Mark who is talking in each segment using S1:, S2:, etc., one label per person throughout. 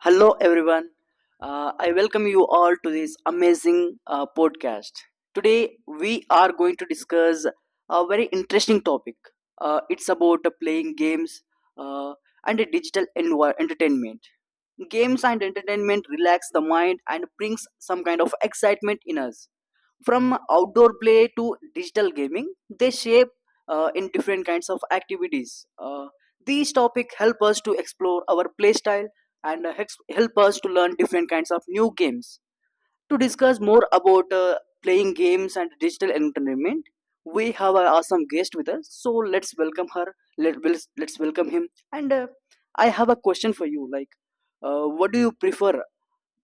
S1: Hello, everyone. I welcome you all to this amazing podcast. Today, we are going to discuss a very interesting topic. It's about playing games uh, and entertainment. Games and entertainment relax the mind and brings some kind of excitement in us from outdoor play to digital gaming. They shape in different kinds of activities. uh, these topics help us to explore our play style and help us to learn different kinds of new games. To discuss more about playing games and digital entertainment, we have an awesome guest with us, so let's welcome her. Let's welcome him. And uh, i have a question for you, like, what do you prefer,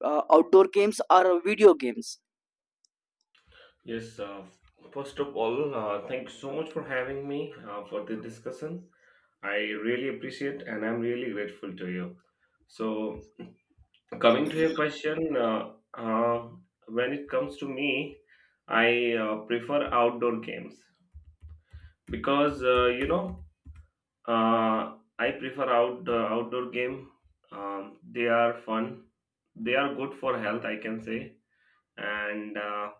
S1: outdoor games or video games?
S2: Yes, first of all, thanks so much for having me for the discussion. I really appreciate and I'm really grateful to you. So, coming to your question, uh, when it comes to me, I prefer outdoor games because I prefer outdoor game. They are fun. They are good for health, I can say, and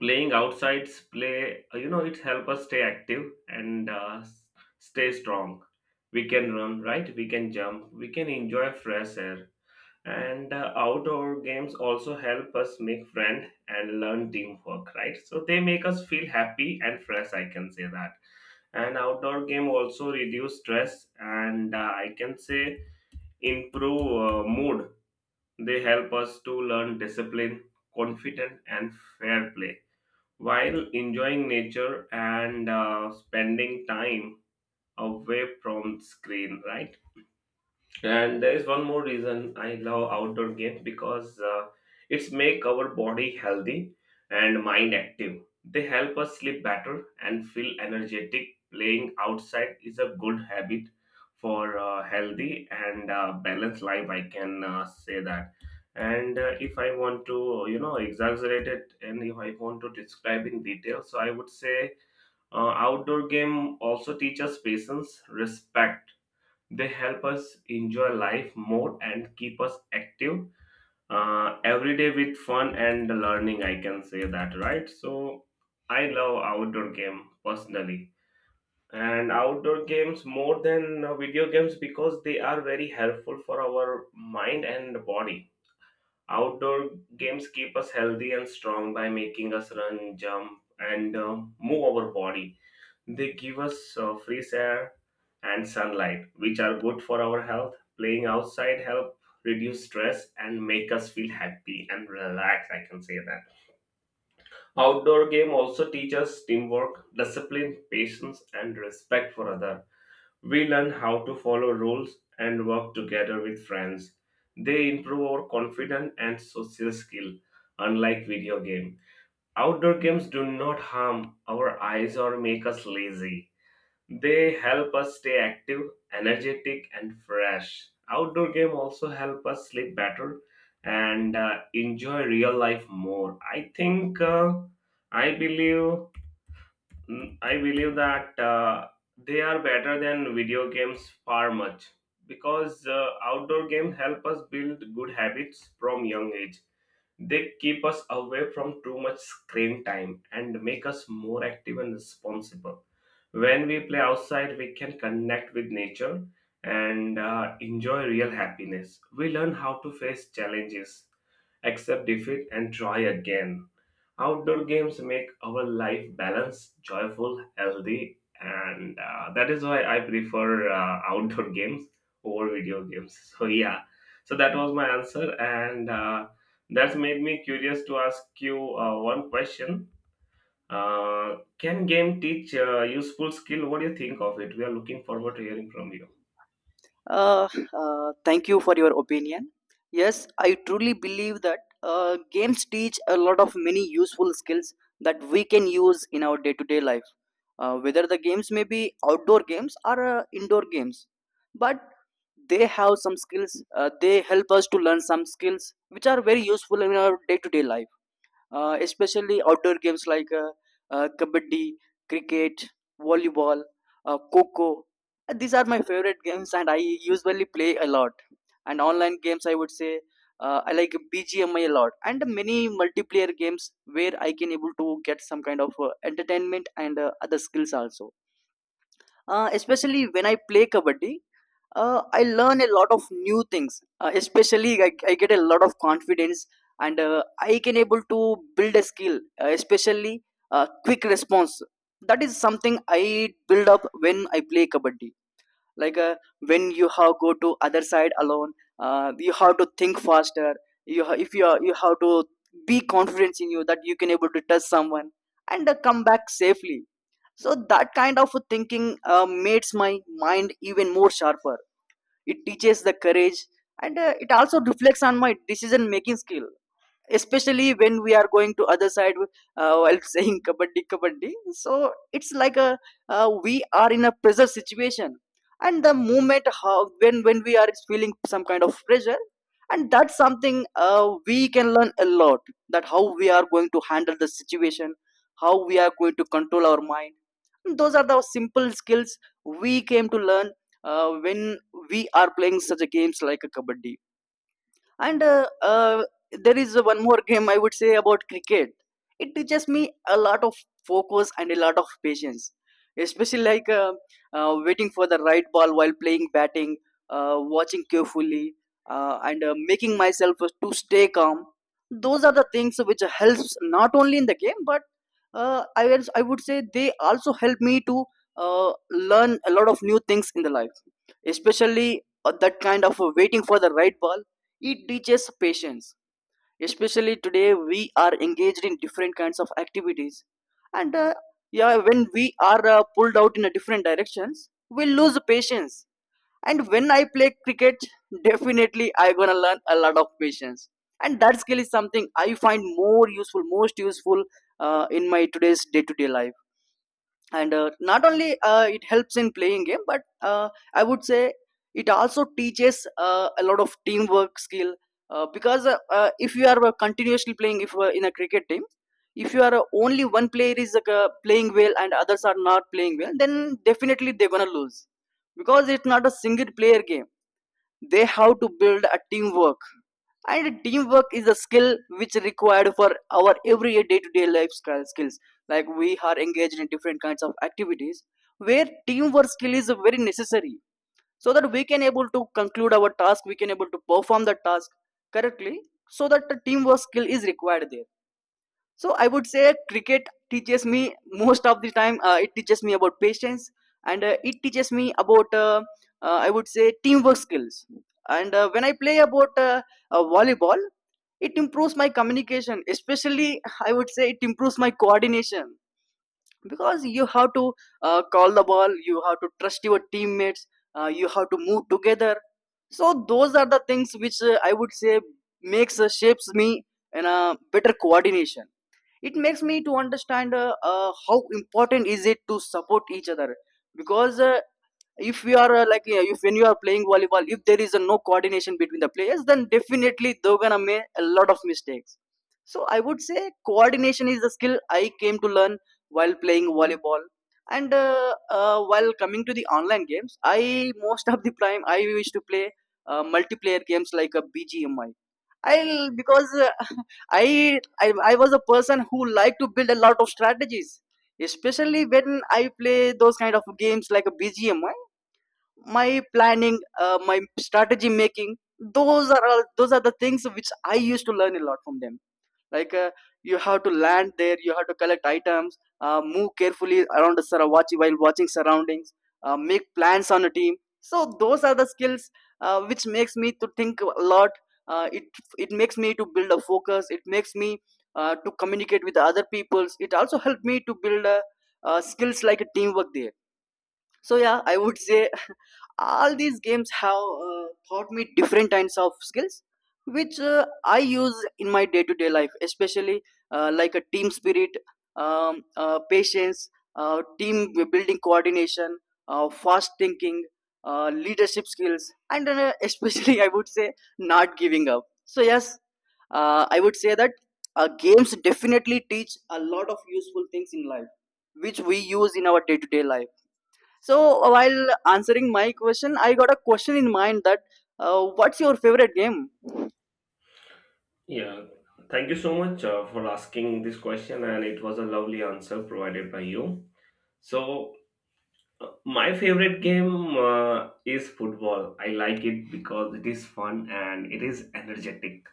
S2: playing outsides play it help us stay active and stay strong. We can run, right? We can jump, we can enjoy fresh air, and outdoor games also help us make friend and learn teamwork, right? So they make us feel happy and fresh, I can say that. And outdoor game also reduce stress and I can say improve mood. They help us to learn discipline, confident, and fair play while enjoying nature and spending time away from screen, right? And there is one more reason I love outdoor games, because it's make our body healthy and mind active. They help us sleep better and feel energetic. Playing outside is a good habit for healthy and balanced life. I can say that. And if I want to, you know, exaggerate it, and if I want to describe in detail, so I would say outdoor game also teaches patience, respect. They help us enjoy life more and keep us active every day with fun and learning. I can say that, right? So I love outdoor game personally and outdoor games more than video games because they are very helpful for our mind and body. Outdoor games keep us healthy and strong by making us run, jump, and move our body. They give us fresh air and sunlight, which are good for our health. Playing outside help reduce stress and make us feel happy and relaxed. I can say that. Outdoor game also teach us teamwork, discipline, patience, and respect for other. We learn how to follow rules and work together with friends. They improve our confidence and social skill, unlike video game. Outdoor games do not harm our eyes or make us lazy, they help us stay active, energetic, and fresh. Outdoor game also help us sleep better and enjoy real life more. I think I believe I believe that they are better than video games far much, because outdoor games help us build good habits from young age. They keep us away from too much screen time and make us more active and responsible. When we play outside, we can connect with nature and enjoy real happiness. We learn how to face challenges, accept defeat, and try again. Outdoor games make our life balanced, joyful, healthy, and that is why I prefer outdoor games over video games. So, yeah, so that was my answer, and that's made me curious to ask you one question. Can game teach useful skill? What do you think of it? We are looking forward to hearing from you.
S1: Uh, Thank you for your opinion. Yes, I truly believe that games teach a lot of many useful skills that we can use in our day to day life, whether the games may be outdoor games or indoor games. But they have some skills. They help us to learn some skills which are very useful in our day to day life, especially outdoor games like kabaddi, cricket, volleyball, coco. These are my favorite games, and I usually play a lot. And online games, I would say I like BGMI a lot, and many multiplayer games where I can able to get some kind of entertainment and other skills also, especially when I play kabaddi. I learn a lot of new things. Especially, I get a lot of confidence, and I can able to build a skill, especially quick response. That is something I build up when I play kabaddi. Like, when you have go to other side alone, you have to think faster. If you are, you have to be confident in you that you can able to touch someone and come back safely, so that kind of thinking makes my mind even more sharper. It teaches the courage, and it also reflects on my decision making skill, especially when we are going to other side, while saying kabaddi kabaddi. So it's like a, we are in a pressure situation, and the moment how, when we are feeling some kind of pressure, and that's something we can learn a lot, that how we are going to handle the situation, how we are going to control our mind. Those are the simple skills we came to learn when we are playing such a games like a kabaddi. And There is one more game I would say about cricket. It teaches me a lot of focus and a lot of patience, especially like waiting for the right ball while playing batting, watching carefully, and making myself to stay calm. Those are the things which helps not only in the game, but I would say they also help me to learn a lot of new things in the life, especially that kind of waiting for the right ball. It teaches patience. Especially today we are engaged in different kinds of activities, and yeah, when we are pulled out in a different directions, we lose patience. And when I play cricket, definitely I gonna learn a lot of patience, and that skill is something I find more useful, most useful in my today's day-to-day life. And not only it helps in playing game, but I would say it also teaches a lot of teamwork skill, because if you are continuously playing, if in a cricket team if you are only one player is playing well and others are not playing well, then definitely they're gonna lose, because it's not a single player game. They have to build a teamwork, and teamwork is a skill which required for our every day-to-day life skills. Like, we are engaged in different kinds of activities where teamwork skill is very necessary, so that we can able to conclude our task, we can able to perform the task correctly. So that the teamwork skill is required there. So I would say cricket teaches me most of the time. It teaches me about patience, and it teaches me about I would say teamwork skills. And when I play about volleyball, it improves my communication, especially I would say it improves my coordination, because you have to call the ball, you have to trust your teammates, you have to move together. So those are the things which I would say makes shapes me in a better coordination. It makes me to understand how important is it to support each other, because if we are if when you are playing volleyball, if there is a no coordination between the players, then definitely they're gonna make a lot of mistakes. So I would say coordination is the skill I came to learn while playing volleyball. And while coming to the online games, I most of the time I used to play multiplayer games like a BGMI. I because I was a person who liked to build a lot of strategies, especially when I play those kind of games like a BGM. My planning, my strategy making, those are all those are the things which I used to learn a lot from them. Like, you have to land there, you have to collect items, move carefully around the sur- watch while watching surroundings, make plans on a team. So those are the skills which makes me to think a lot. It it makes me to build a focus, it makes me to communicate with the other peoples. It also helped me to build skills like a teamwork there. So yeah, I would say all these games have taught me different kinds of skills which I use in my day to day life, especially like a team spirit, patience, team building, coordination, fast thinking, leadership skills, and especially I would say not giving up. So yes, I would say that games definitely teach a lot of useful things in life which we use in our day to day life. So while answering my question, I got a question in mind, that what's your favorite game?
S2: Yeah, thank you so much for asking this question, and it was a lovely answer provided by you. So, my favorite game is football. I like it because it is fun and it is energetic.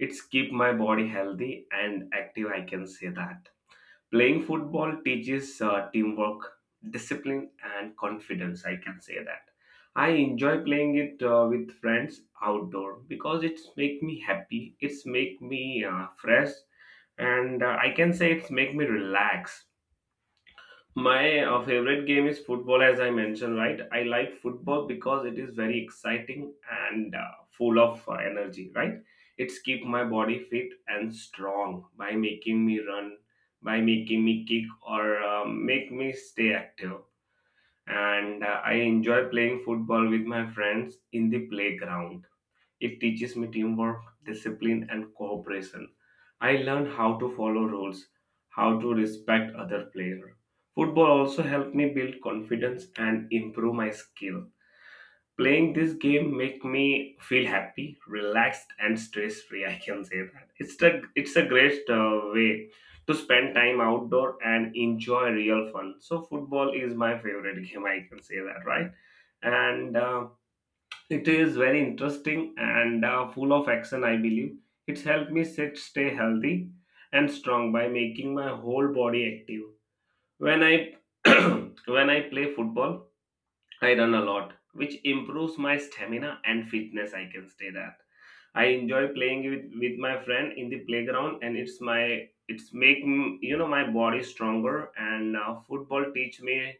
S2: It's keep my body healthy and active, I can say that. Playing football teaches teamwork, discipline, and confidence, I can say that. I enjoy playing it with friends outdoor because it's make me happy, it's make me fresh, and I can say it's make me relax. My favorite game is football, as I mentioned, right? I like football because it is very exciting and full of energy, right? It's keep my body fit and strong by making me run, by making me kick, or make me stay active. And I enjoy playing football with my friends in the playground. It teaches me teamwork, discipline, and cooperation. I learned how to follow rules, how to respect other players. Football also helped me build confidence and improve my skill. Playing this game make me feel happy, relaxed, and stress free. I can say that it's a great way to spend time outdoor and enjoy real fun. So football is my favorite game. I can say that, right? And it is very interesting and full of action, I believe. It's helped me sit, stay healthy and strong by making my whole body active. When I when I play football, I run a lot, which improves my stamina and fitness. I can say that. I enjoy playing with my friend in the playground, and it's make my body stronger. And football teach me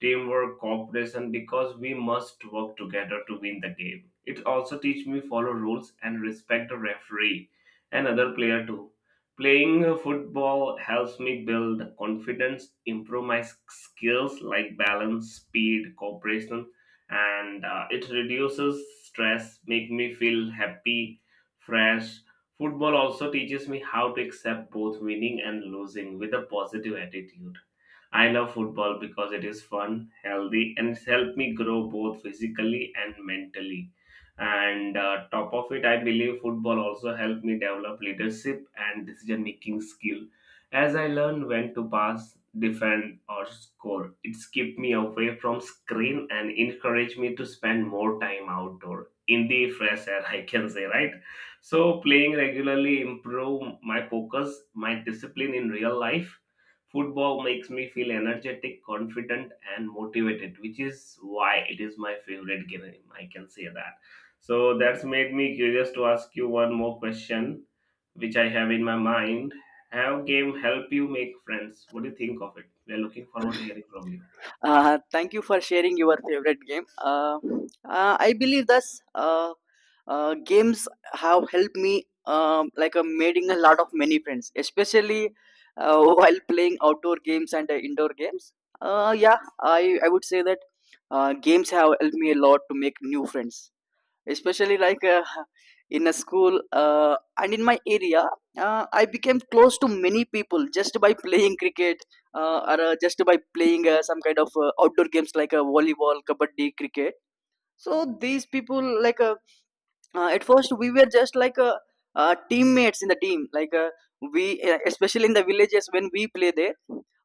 S2: teamwork, cooperation, because we must work together to win the game. It also teach me follow rules and respect the referee and other player too. Playing football helps me build confidence, improve my skills like balance, speed, cooperation, and it reduces stress, make me feel happy, fresh. Football also teaches me how to accept both winning and losing with a positive attitude. I love football because it is fun, healthy, and it's helped me grow both physically and mentally. And top of it, I believe football also helped me develop leadership and decision making skill as I learned when to pass, defend, or score. It's kept me away from screen and encouraged me to spend more time outdoor in the fresh air, I can say, right? So playing regularly improve my focus, my discipline in real life. Football makes me feel energetic, confident, and motivated, which is why it is my favorite game. I can say that. So that's made me curious to ask you one more question, which I have in my mind. Have game help you make friends? What do you think of it? We are looking forward to hearing from you.
S1: Thank you for sharing your favorite game. I believe that uh, games have helped me, like, making a lot of many friends, especially while playing outdoor games and indoor games. Yeah, I would say that games have helped me a lot to make new friends, especially like, in a school and in my area. I became close to many people just by playing cricket or just by playing some kind of outdoor games like volleyball, kabaddi, cricket. So these people, at first we were just like teammates in the team. We especially in the villages, when we play there,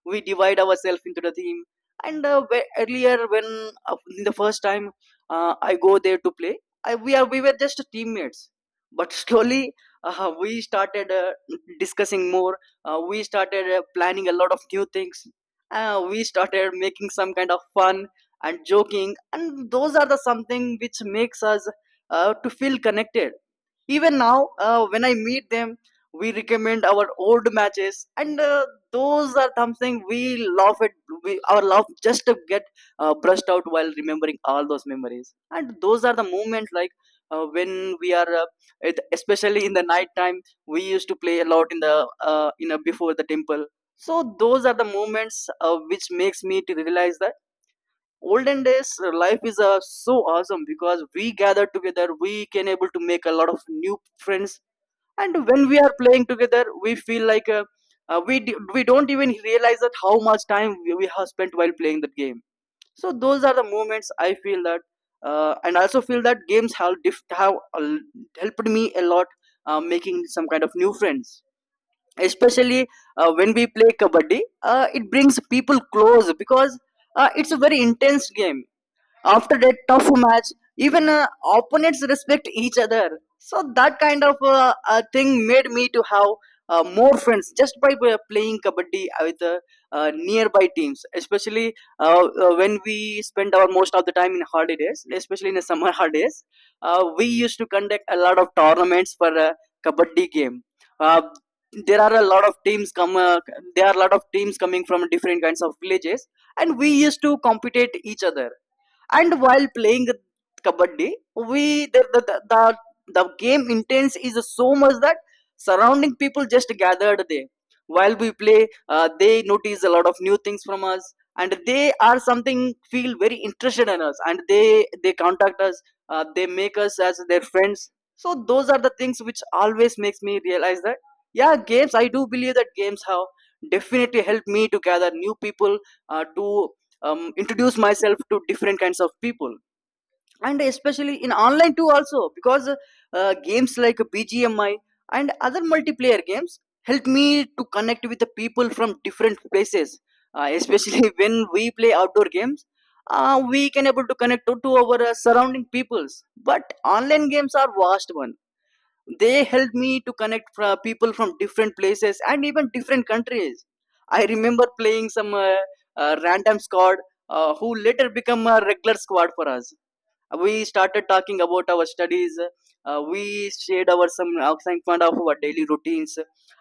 S1: we divide ourselves into the team. And earlier when in the first time I go there to play, I, we are we were just teammates. But slowly, we started discussing more, we started planning a lot of new things, we started making some kind of fun and joking, and those are the something which makes us to feel connected. Even now, when I meet them, we recommend our old matches, and those are something we love it. We, our love just to get brushed out while remembering all those memories. And those are the moments, like, when we are, it- especially in the night time, we used to play a lot in the before the temple. So those are the moments, which makes me to realize that olden days life is so awesome because we gather together we can able to make a lot of new friends. And when we are playing together we feel like we don't even realize that how much time we have spent while playing that game. So those are the moments I feel that. And I also feel that games have helped me a lot making some kind of new friends, especially when we play kabaddi. It brings people close because it's a very intense game. After that tough match, even opponents respect each other. So that kind of thing made me to have more friends just by playing kabaddi with nearby teams, especially when we spend our most of the time in holidays, especially in the summer holidays. We used to conduct a lot of tournaments for kabaddi game. Uh, there are a lot of teams come There are a lot of teams coming from different kinds of villages, and we used to compete each other. And while playing kabaddi, we the game intense is so much that surrounding people just gathered there while we play. They notice a lot of new things from us and they are something feel very interested in us, and they contact us. They make us as their friends. So those are the things which always makes me realize that, yeah, games, I do believe that games have definitely helped me to gather new people, to introduce myself to different kinds of people, and especially in online too also because games like BGMI and other multiplayer games help me to connect with the people from different places. Especially when we play outdoor games, we can able to connect to our surrounding peoples, but online games are vast one. They helped me to connect people from different places and even different countries. I remember playing some random squad who later became a regular squad for us. We started talking about our studies. We shared our some outside of our daily routines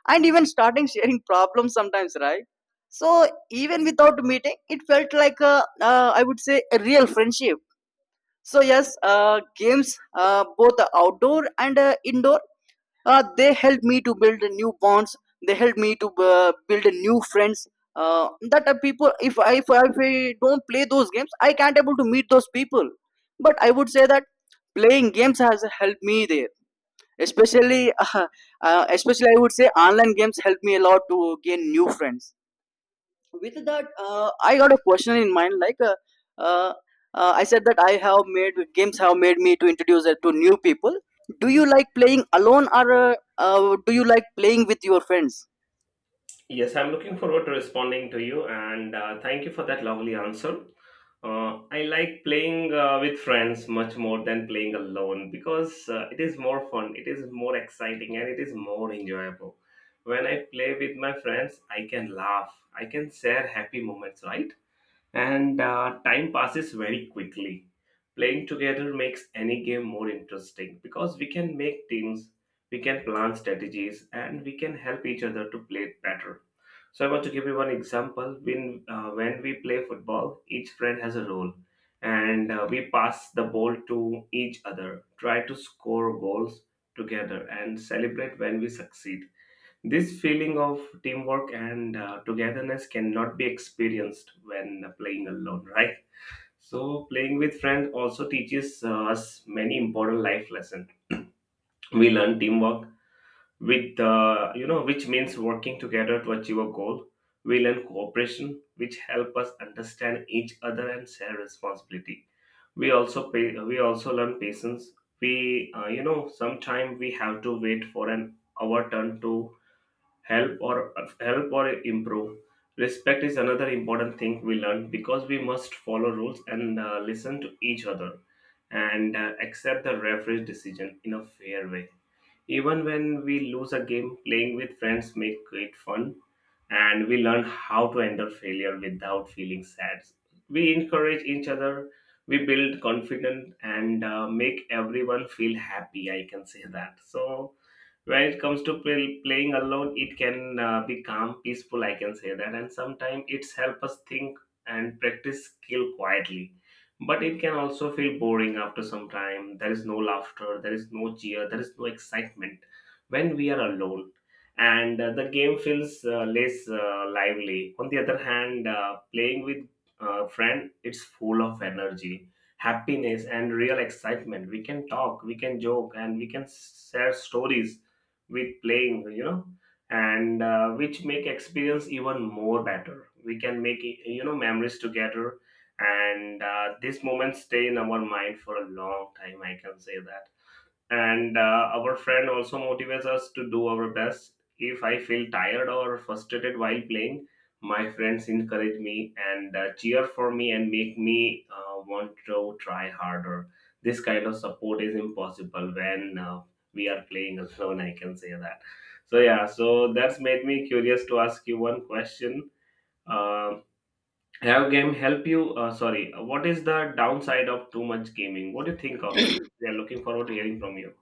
S1: and even starting sharing problems sometimes, right? So even without meeting it felt like I would say a real friendship. So yes, games, both outdoor and indoor, they helped me to build new bonds, they helped me to build new friends. That are people if I don't play those games I can't able to meet those people. But I would say that playing games has helped me there, especially uh, especially I would say online games helped me a lot to gain new friends. With that I got a question in mind, like, uh, I said that I have made games have made me to introduce it to new people. Do you like playing alone, or do you like playing with your friends?
S2: Yes, I'm looking forward to responding to you, and thank you for that lovely answer. I like playing with friends much more than playing alone because it is more fun, it is more exciting, and it is more enjoyable. When I play with my friends, I can laugh, I can share happy moments, right? And time passes very quickly. Playing together makes any game more interesting because we can make teams, we can plan strategies, and we can help each other to play better. So I want to give you one example. When we play football, each friend has a role, and we pass the ball to each other, try to score goals together, and celebrate when we succeed. This feeling of teamwork and togetherness cannot be experienced when playing alone, right? So playing with friends also teaches us many important life lessons. We learn teamwork with you know, which means working together to achieve a goal. We learn cooperation, which help us understand each other and share responsibility. We also learn patience. We you know, sometimes we have to wait for an our turn to help or help or improve. Respect is another important thing we learn because we must follow rules and listen to each other and accept the referee's decision in a fair way. Even when we lose a game, playing with friends make it fun and we learn how to handle failure without feeling sad. We encourage each other, we build confidence and make everyone feel happy. I can say that. So when it comes to playing alone, it can be calm, peaceful. I can say that, and sometimes it's help us think and practice skill quietly, but it can also feel boring after some time. There is no laughter, there is no cheer, there is no excitement when we are alone, and the game feels less lively. On the other hand, playing with a friend, it's full of energy, happiness, and real excitement. We can talk, we can joke, and we can share stories with playing, you know, and which make experience even more better. We can make, you know, memories together, and these moments stay in our mind for a long time, I can say that. And our friend also motivates us to do our best. If I feel tired or frustrated while playing, my friends encourage me and cheer for me and make me want to try harder. This kind of support is impossible when we are playing alone, I can say that. So yeah, so that's made me curious to ask you one question. Um, have game help you? Sorry, what is the downside of too much gaming? What do you think of it? We are looking forward to hearing from you.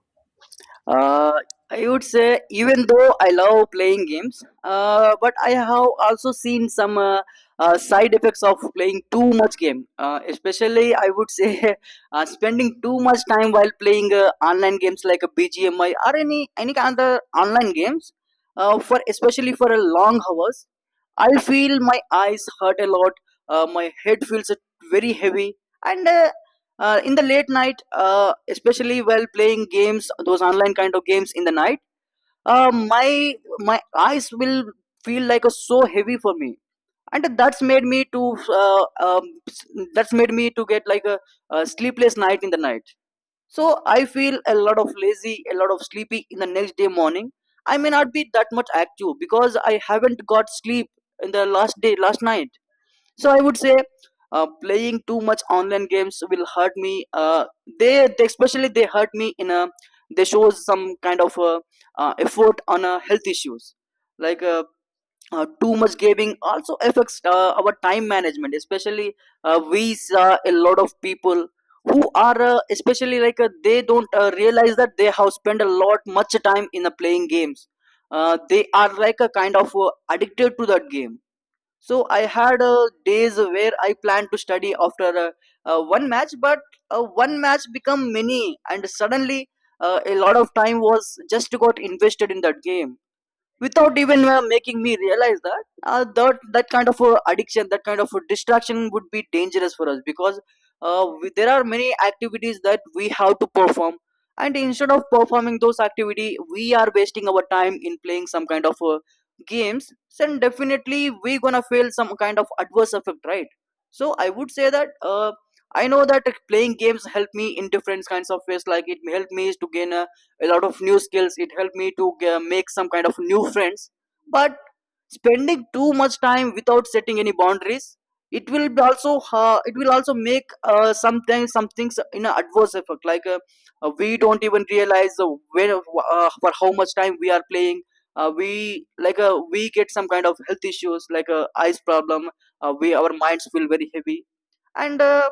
S1: uh, I would say even though I love playing games, but I have also seen some side effects of playing too much game. Especially, I would say spending too much time while playing online games like a BGMI or any kind of online games. For Especially for a long hours, I feel my eyes hurt a lot. My head feels very heavy, and in the late night, especially while playing games those online kind of games in the night, my eyes will feel like a so heavy for me. And uh, um, that's made me to get like a sleepless night in the night. So I feel a lot of lazy, a lot of sleepy in the next day morning. I may not be that much active because I haven't got sleep in the last day last night. So I would say, playing too much online games will hurt me. They especially they hurt me. In a they shows some kind of effort on health issues, like too much gaming also affects our time management, especially we saw a lot of people who are especially, like, they don't realize that they have spent a lot much time in playing games. They are like a kind of addicted to that game. So I had days where I planned to study after one match, but one match become many, and suddenly a lot of time was just got invested in that game, without even making me realize that that kind of addiction, that kind of distraction would be dangerous for us, because there are many activities that we have to perform, and instead of performing those activity we are wasting our time in playing some kind of games, then definitely we gonna feel some kind of adverse effect, right? So I would say that, I know that playing games help me in different kinds of ways, like, it helped me to gain a lot of new skills, it helped me to make some kind of new friends. But spending too much time without setting any boundaries, it will be also it will also make sometimes some things in an adverse effect, like we don't even realize when, for how much time we are playing. We get some kind of health issues like eyes problem. We Our minds feel very heavy. And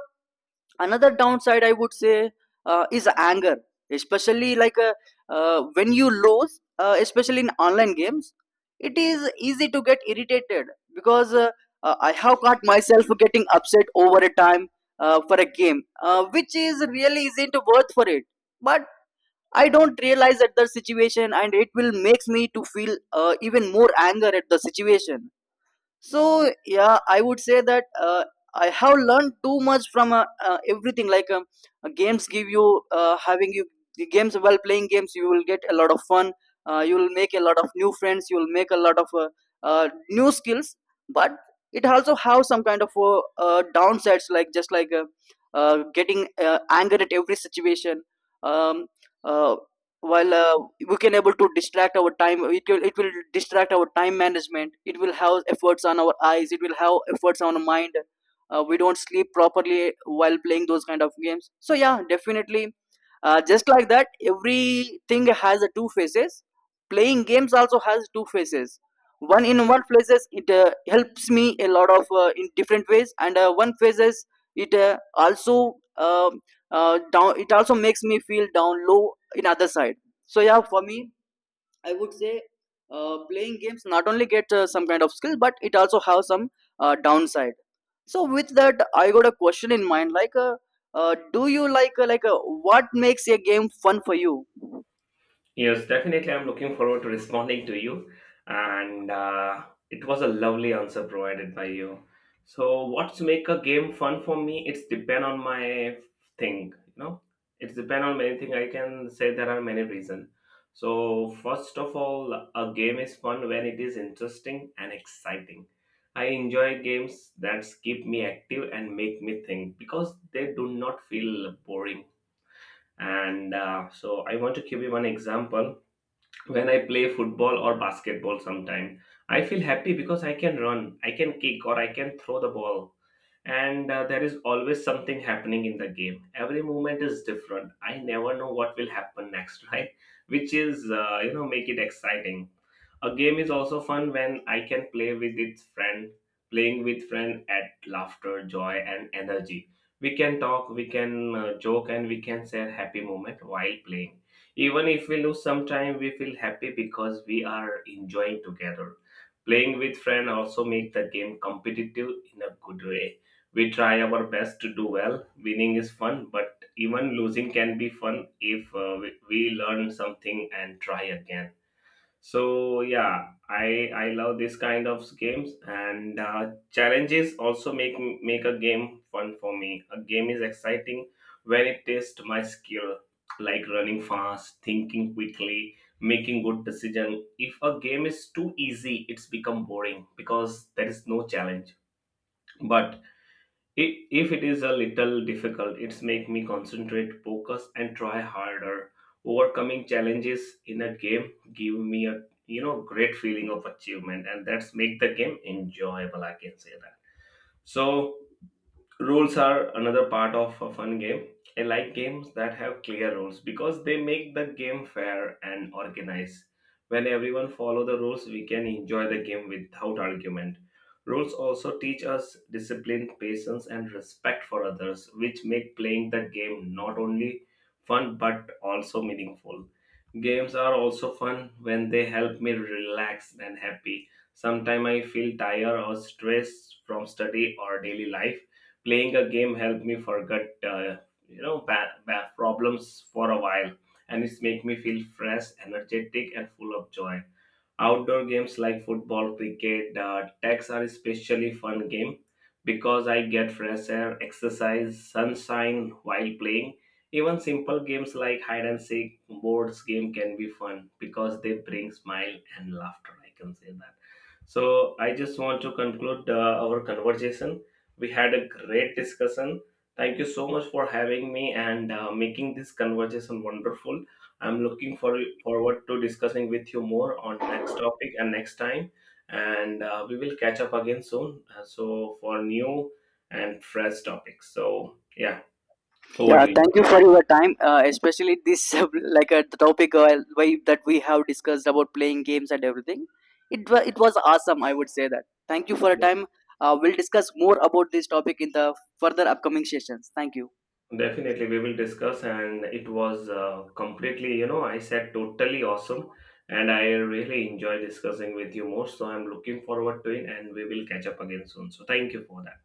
S1: another downside I would say is anger. Especially, like, when you lose, especially in online games, it is easy to get irritated because I have caught myself getting upset over a time for a game which is really isn't worth for it. But I don't realize at the situation and it will makes me to feel even more anger at the situation. So yeah, I would say that, I have learned too much from everything, like, games give you having you the games, while playing games you will get a lot of fun. You will make a lot of new friends, you will make a lot of new skills. But it also have some kind of downsides, like, just like getting anger at every situation. um, uh, while we can able to distract our time, it will distract our time management, it will have efforts on our eyes, it will have efforts on our mind. We don't sleep properly while playing those kind of games. So yeah, definitely, just like that, everything has a two faces. Playing games also has two faces. One In one places it helps me a lot of in different ways, and one phases it also down it also makes me feel down low in other side. So yeah, for me, I would say playing games not only get some kind of skill, but it also have some downside. So with that I got a question in mind, like, do you like what makes a game fun for you?
S2: Yes, definitely. I'm looking forward to responding to you. And It was a lovely answer provided by you. So, what's make a game fun for me? It's depend on my thing. You know, it's depend on many thing. I can say there are many reasons. So, first of all, a game is fun when it is interesting and exciting. I enjoy games that keep me active and make me think because they do not feel boring. And so, I want to give you one example when I play football or basketball sometime, I feel happy because I can run, I can kick, or I can throw the ball. And There is always something happening in the game. Every moment is different. I never know what will happen next, right? Which is, make it exciting. A game is also fun when I can play with its friend, playing with friend at laughter, joy, and energy. We can talk, we can joke, and we can share happy moment while playing even if we lose some time, we feel happy because we are enjoying together. Playing with friends also make the game competitive in a good way. We try our best to do well. Winning is fun, but even losing can be fun if we learn something and try again. So yeah, I love this kind of games, and challenges also make a game fun for me. A game is exciting when it tests my skill, like running fast, thinking quickly, making good decision. If a game is too easy, it's become boring because there is no challenge. But if it is a little difficult, it's make me concentrate, focus, and try harder. Overcoming challenges in a game give me a, great feeling of achievement, and that's make the game enjoyable, I can say that. So, rules are another part of a fun game. I like games that have clear rules because they make the game fair and organized. When everyone follow the rules, we can enjoy the game without argument. Rules also teach us discipline, patience, and respect for others, which make playing the game not only fun but also meaningful. Games are also fun when they help me relax and happy. Sometimes I feel tired or stressed from study or daily life. Playing a game help me forget, bad problems for a while, and it's make me feel fresh, energetic, and full of joy. Outdoor games like football, cricket, tags are especially fun game because I get fresh air, exercise, sunshine while playing. Even simple games like hide and seek, boards game can be fun because they bring smile and laughter. I can say that. So I just want to conclude our conversation. We had a great discussion. Thank you so much for having me and making this conversation wonderful. I'm looking for forward to discussing with you more on next topic and next time. And We will catch up again soon. So for new and fresh topics. So yeah, over
S1: Yeah,
S2: to you.
S1: thank you for your time, especially this like, the topic, that we have discussed about playing games and everything. It was awesome, I would say that. Thank you for your time. We'll discuss more about this topic in the further upcoming sessions. Thank you.
S2: Definitely, we will discuss, and it was completely, you know, I said totally awesome, and I really enjoy discussing with you more. So I'm looking forward to it, and we will catch up again soon. So thank you for that.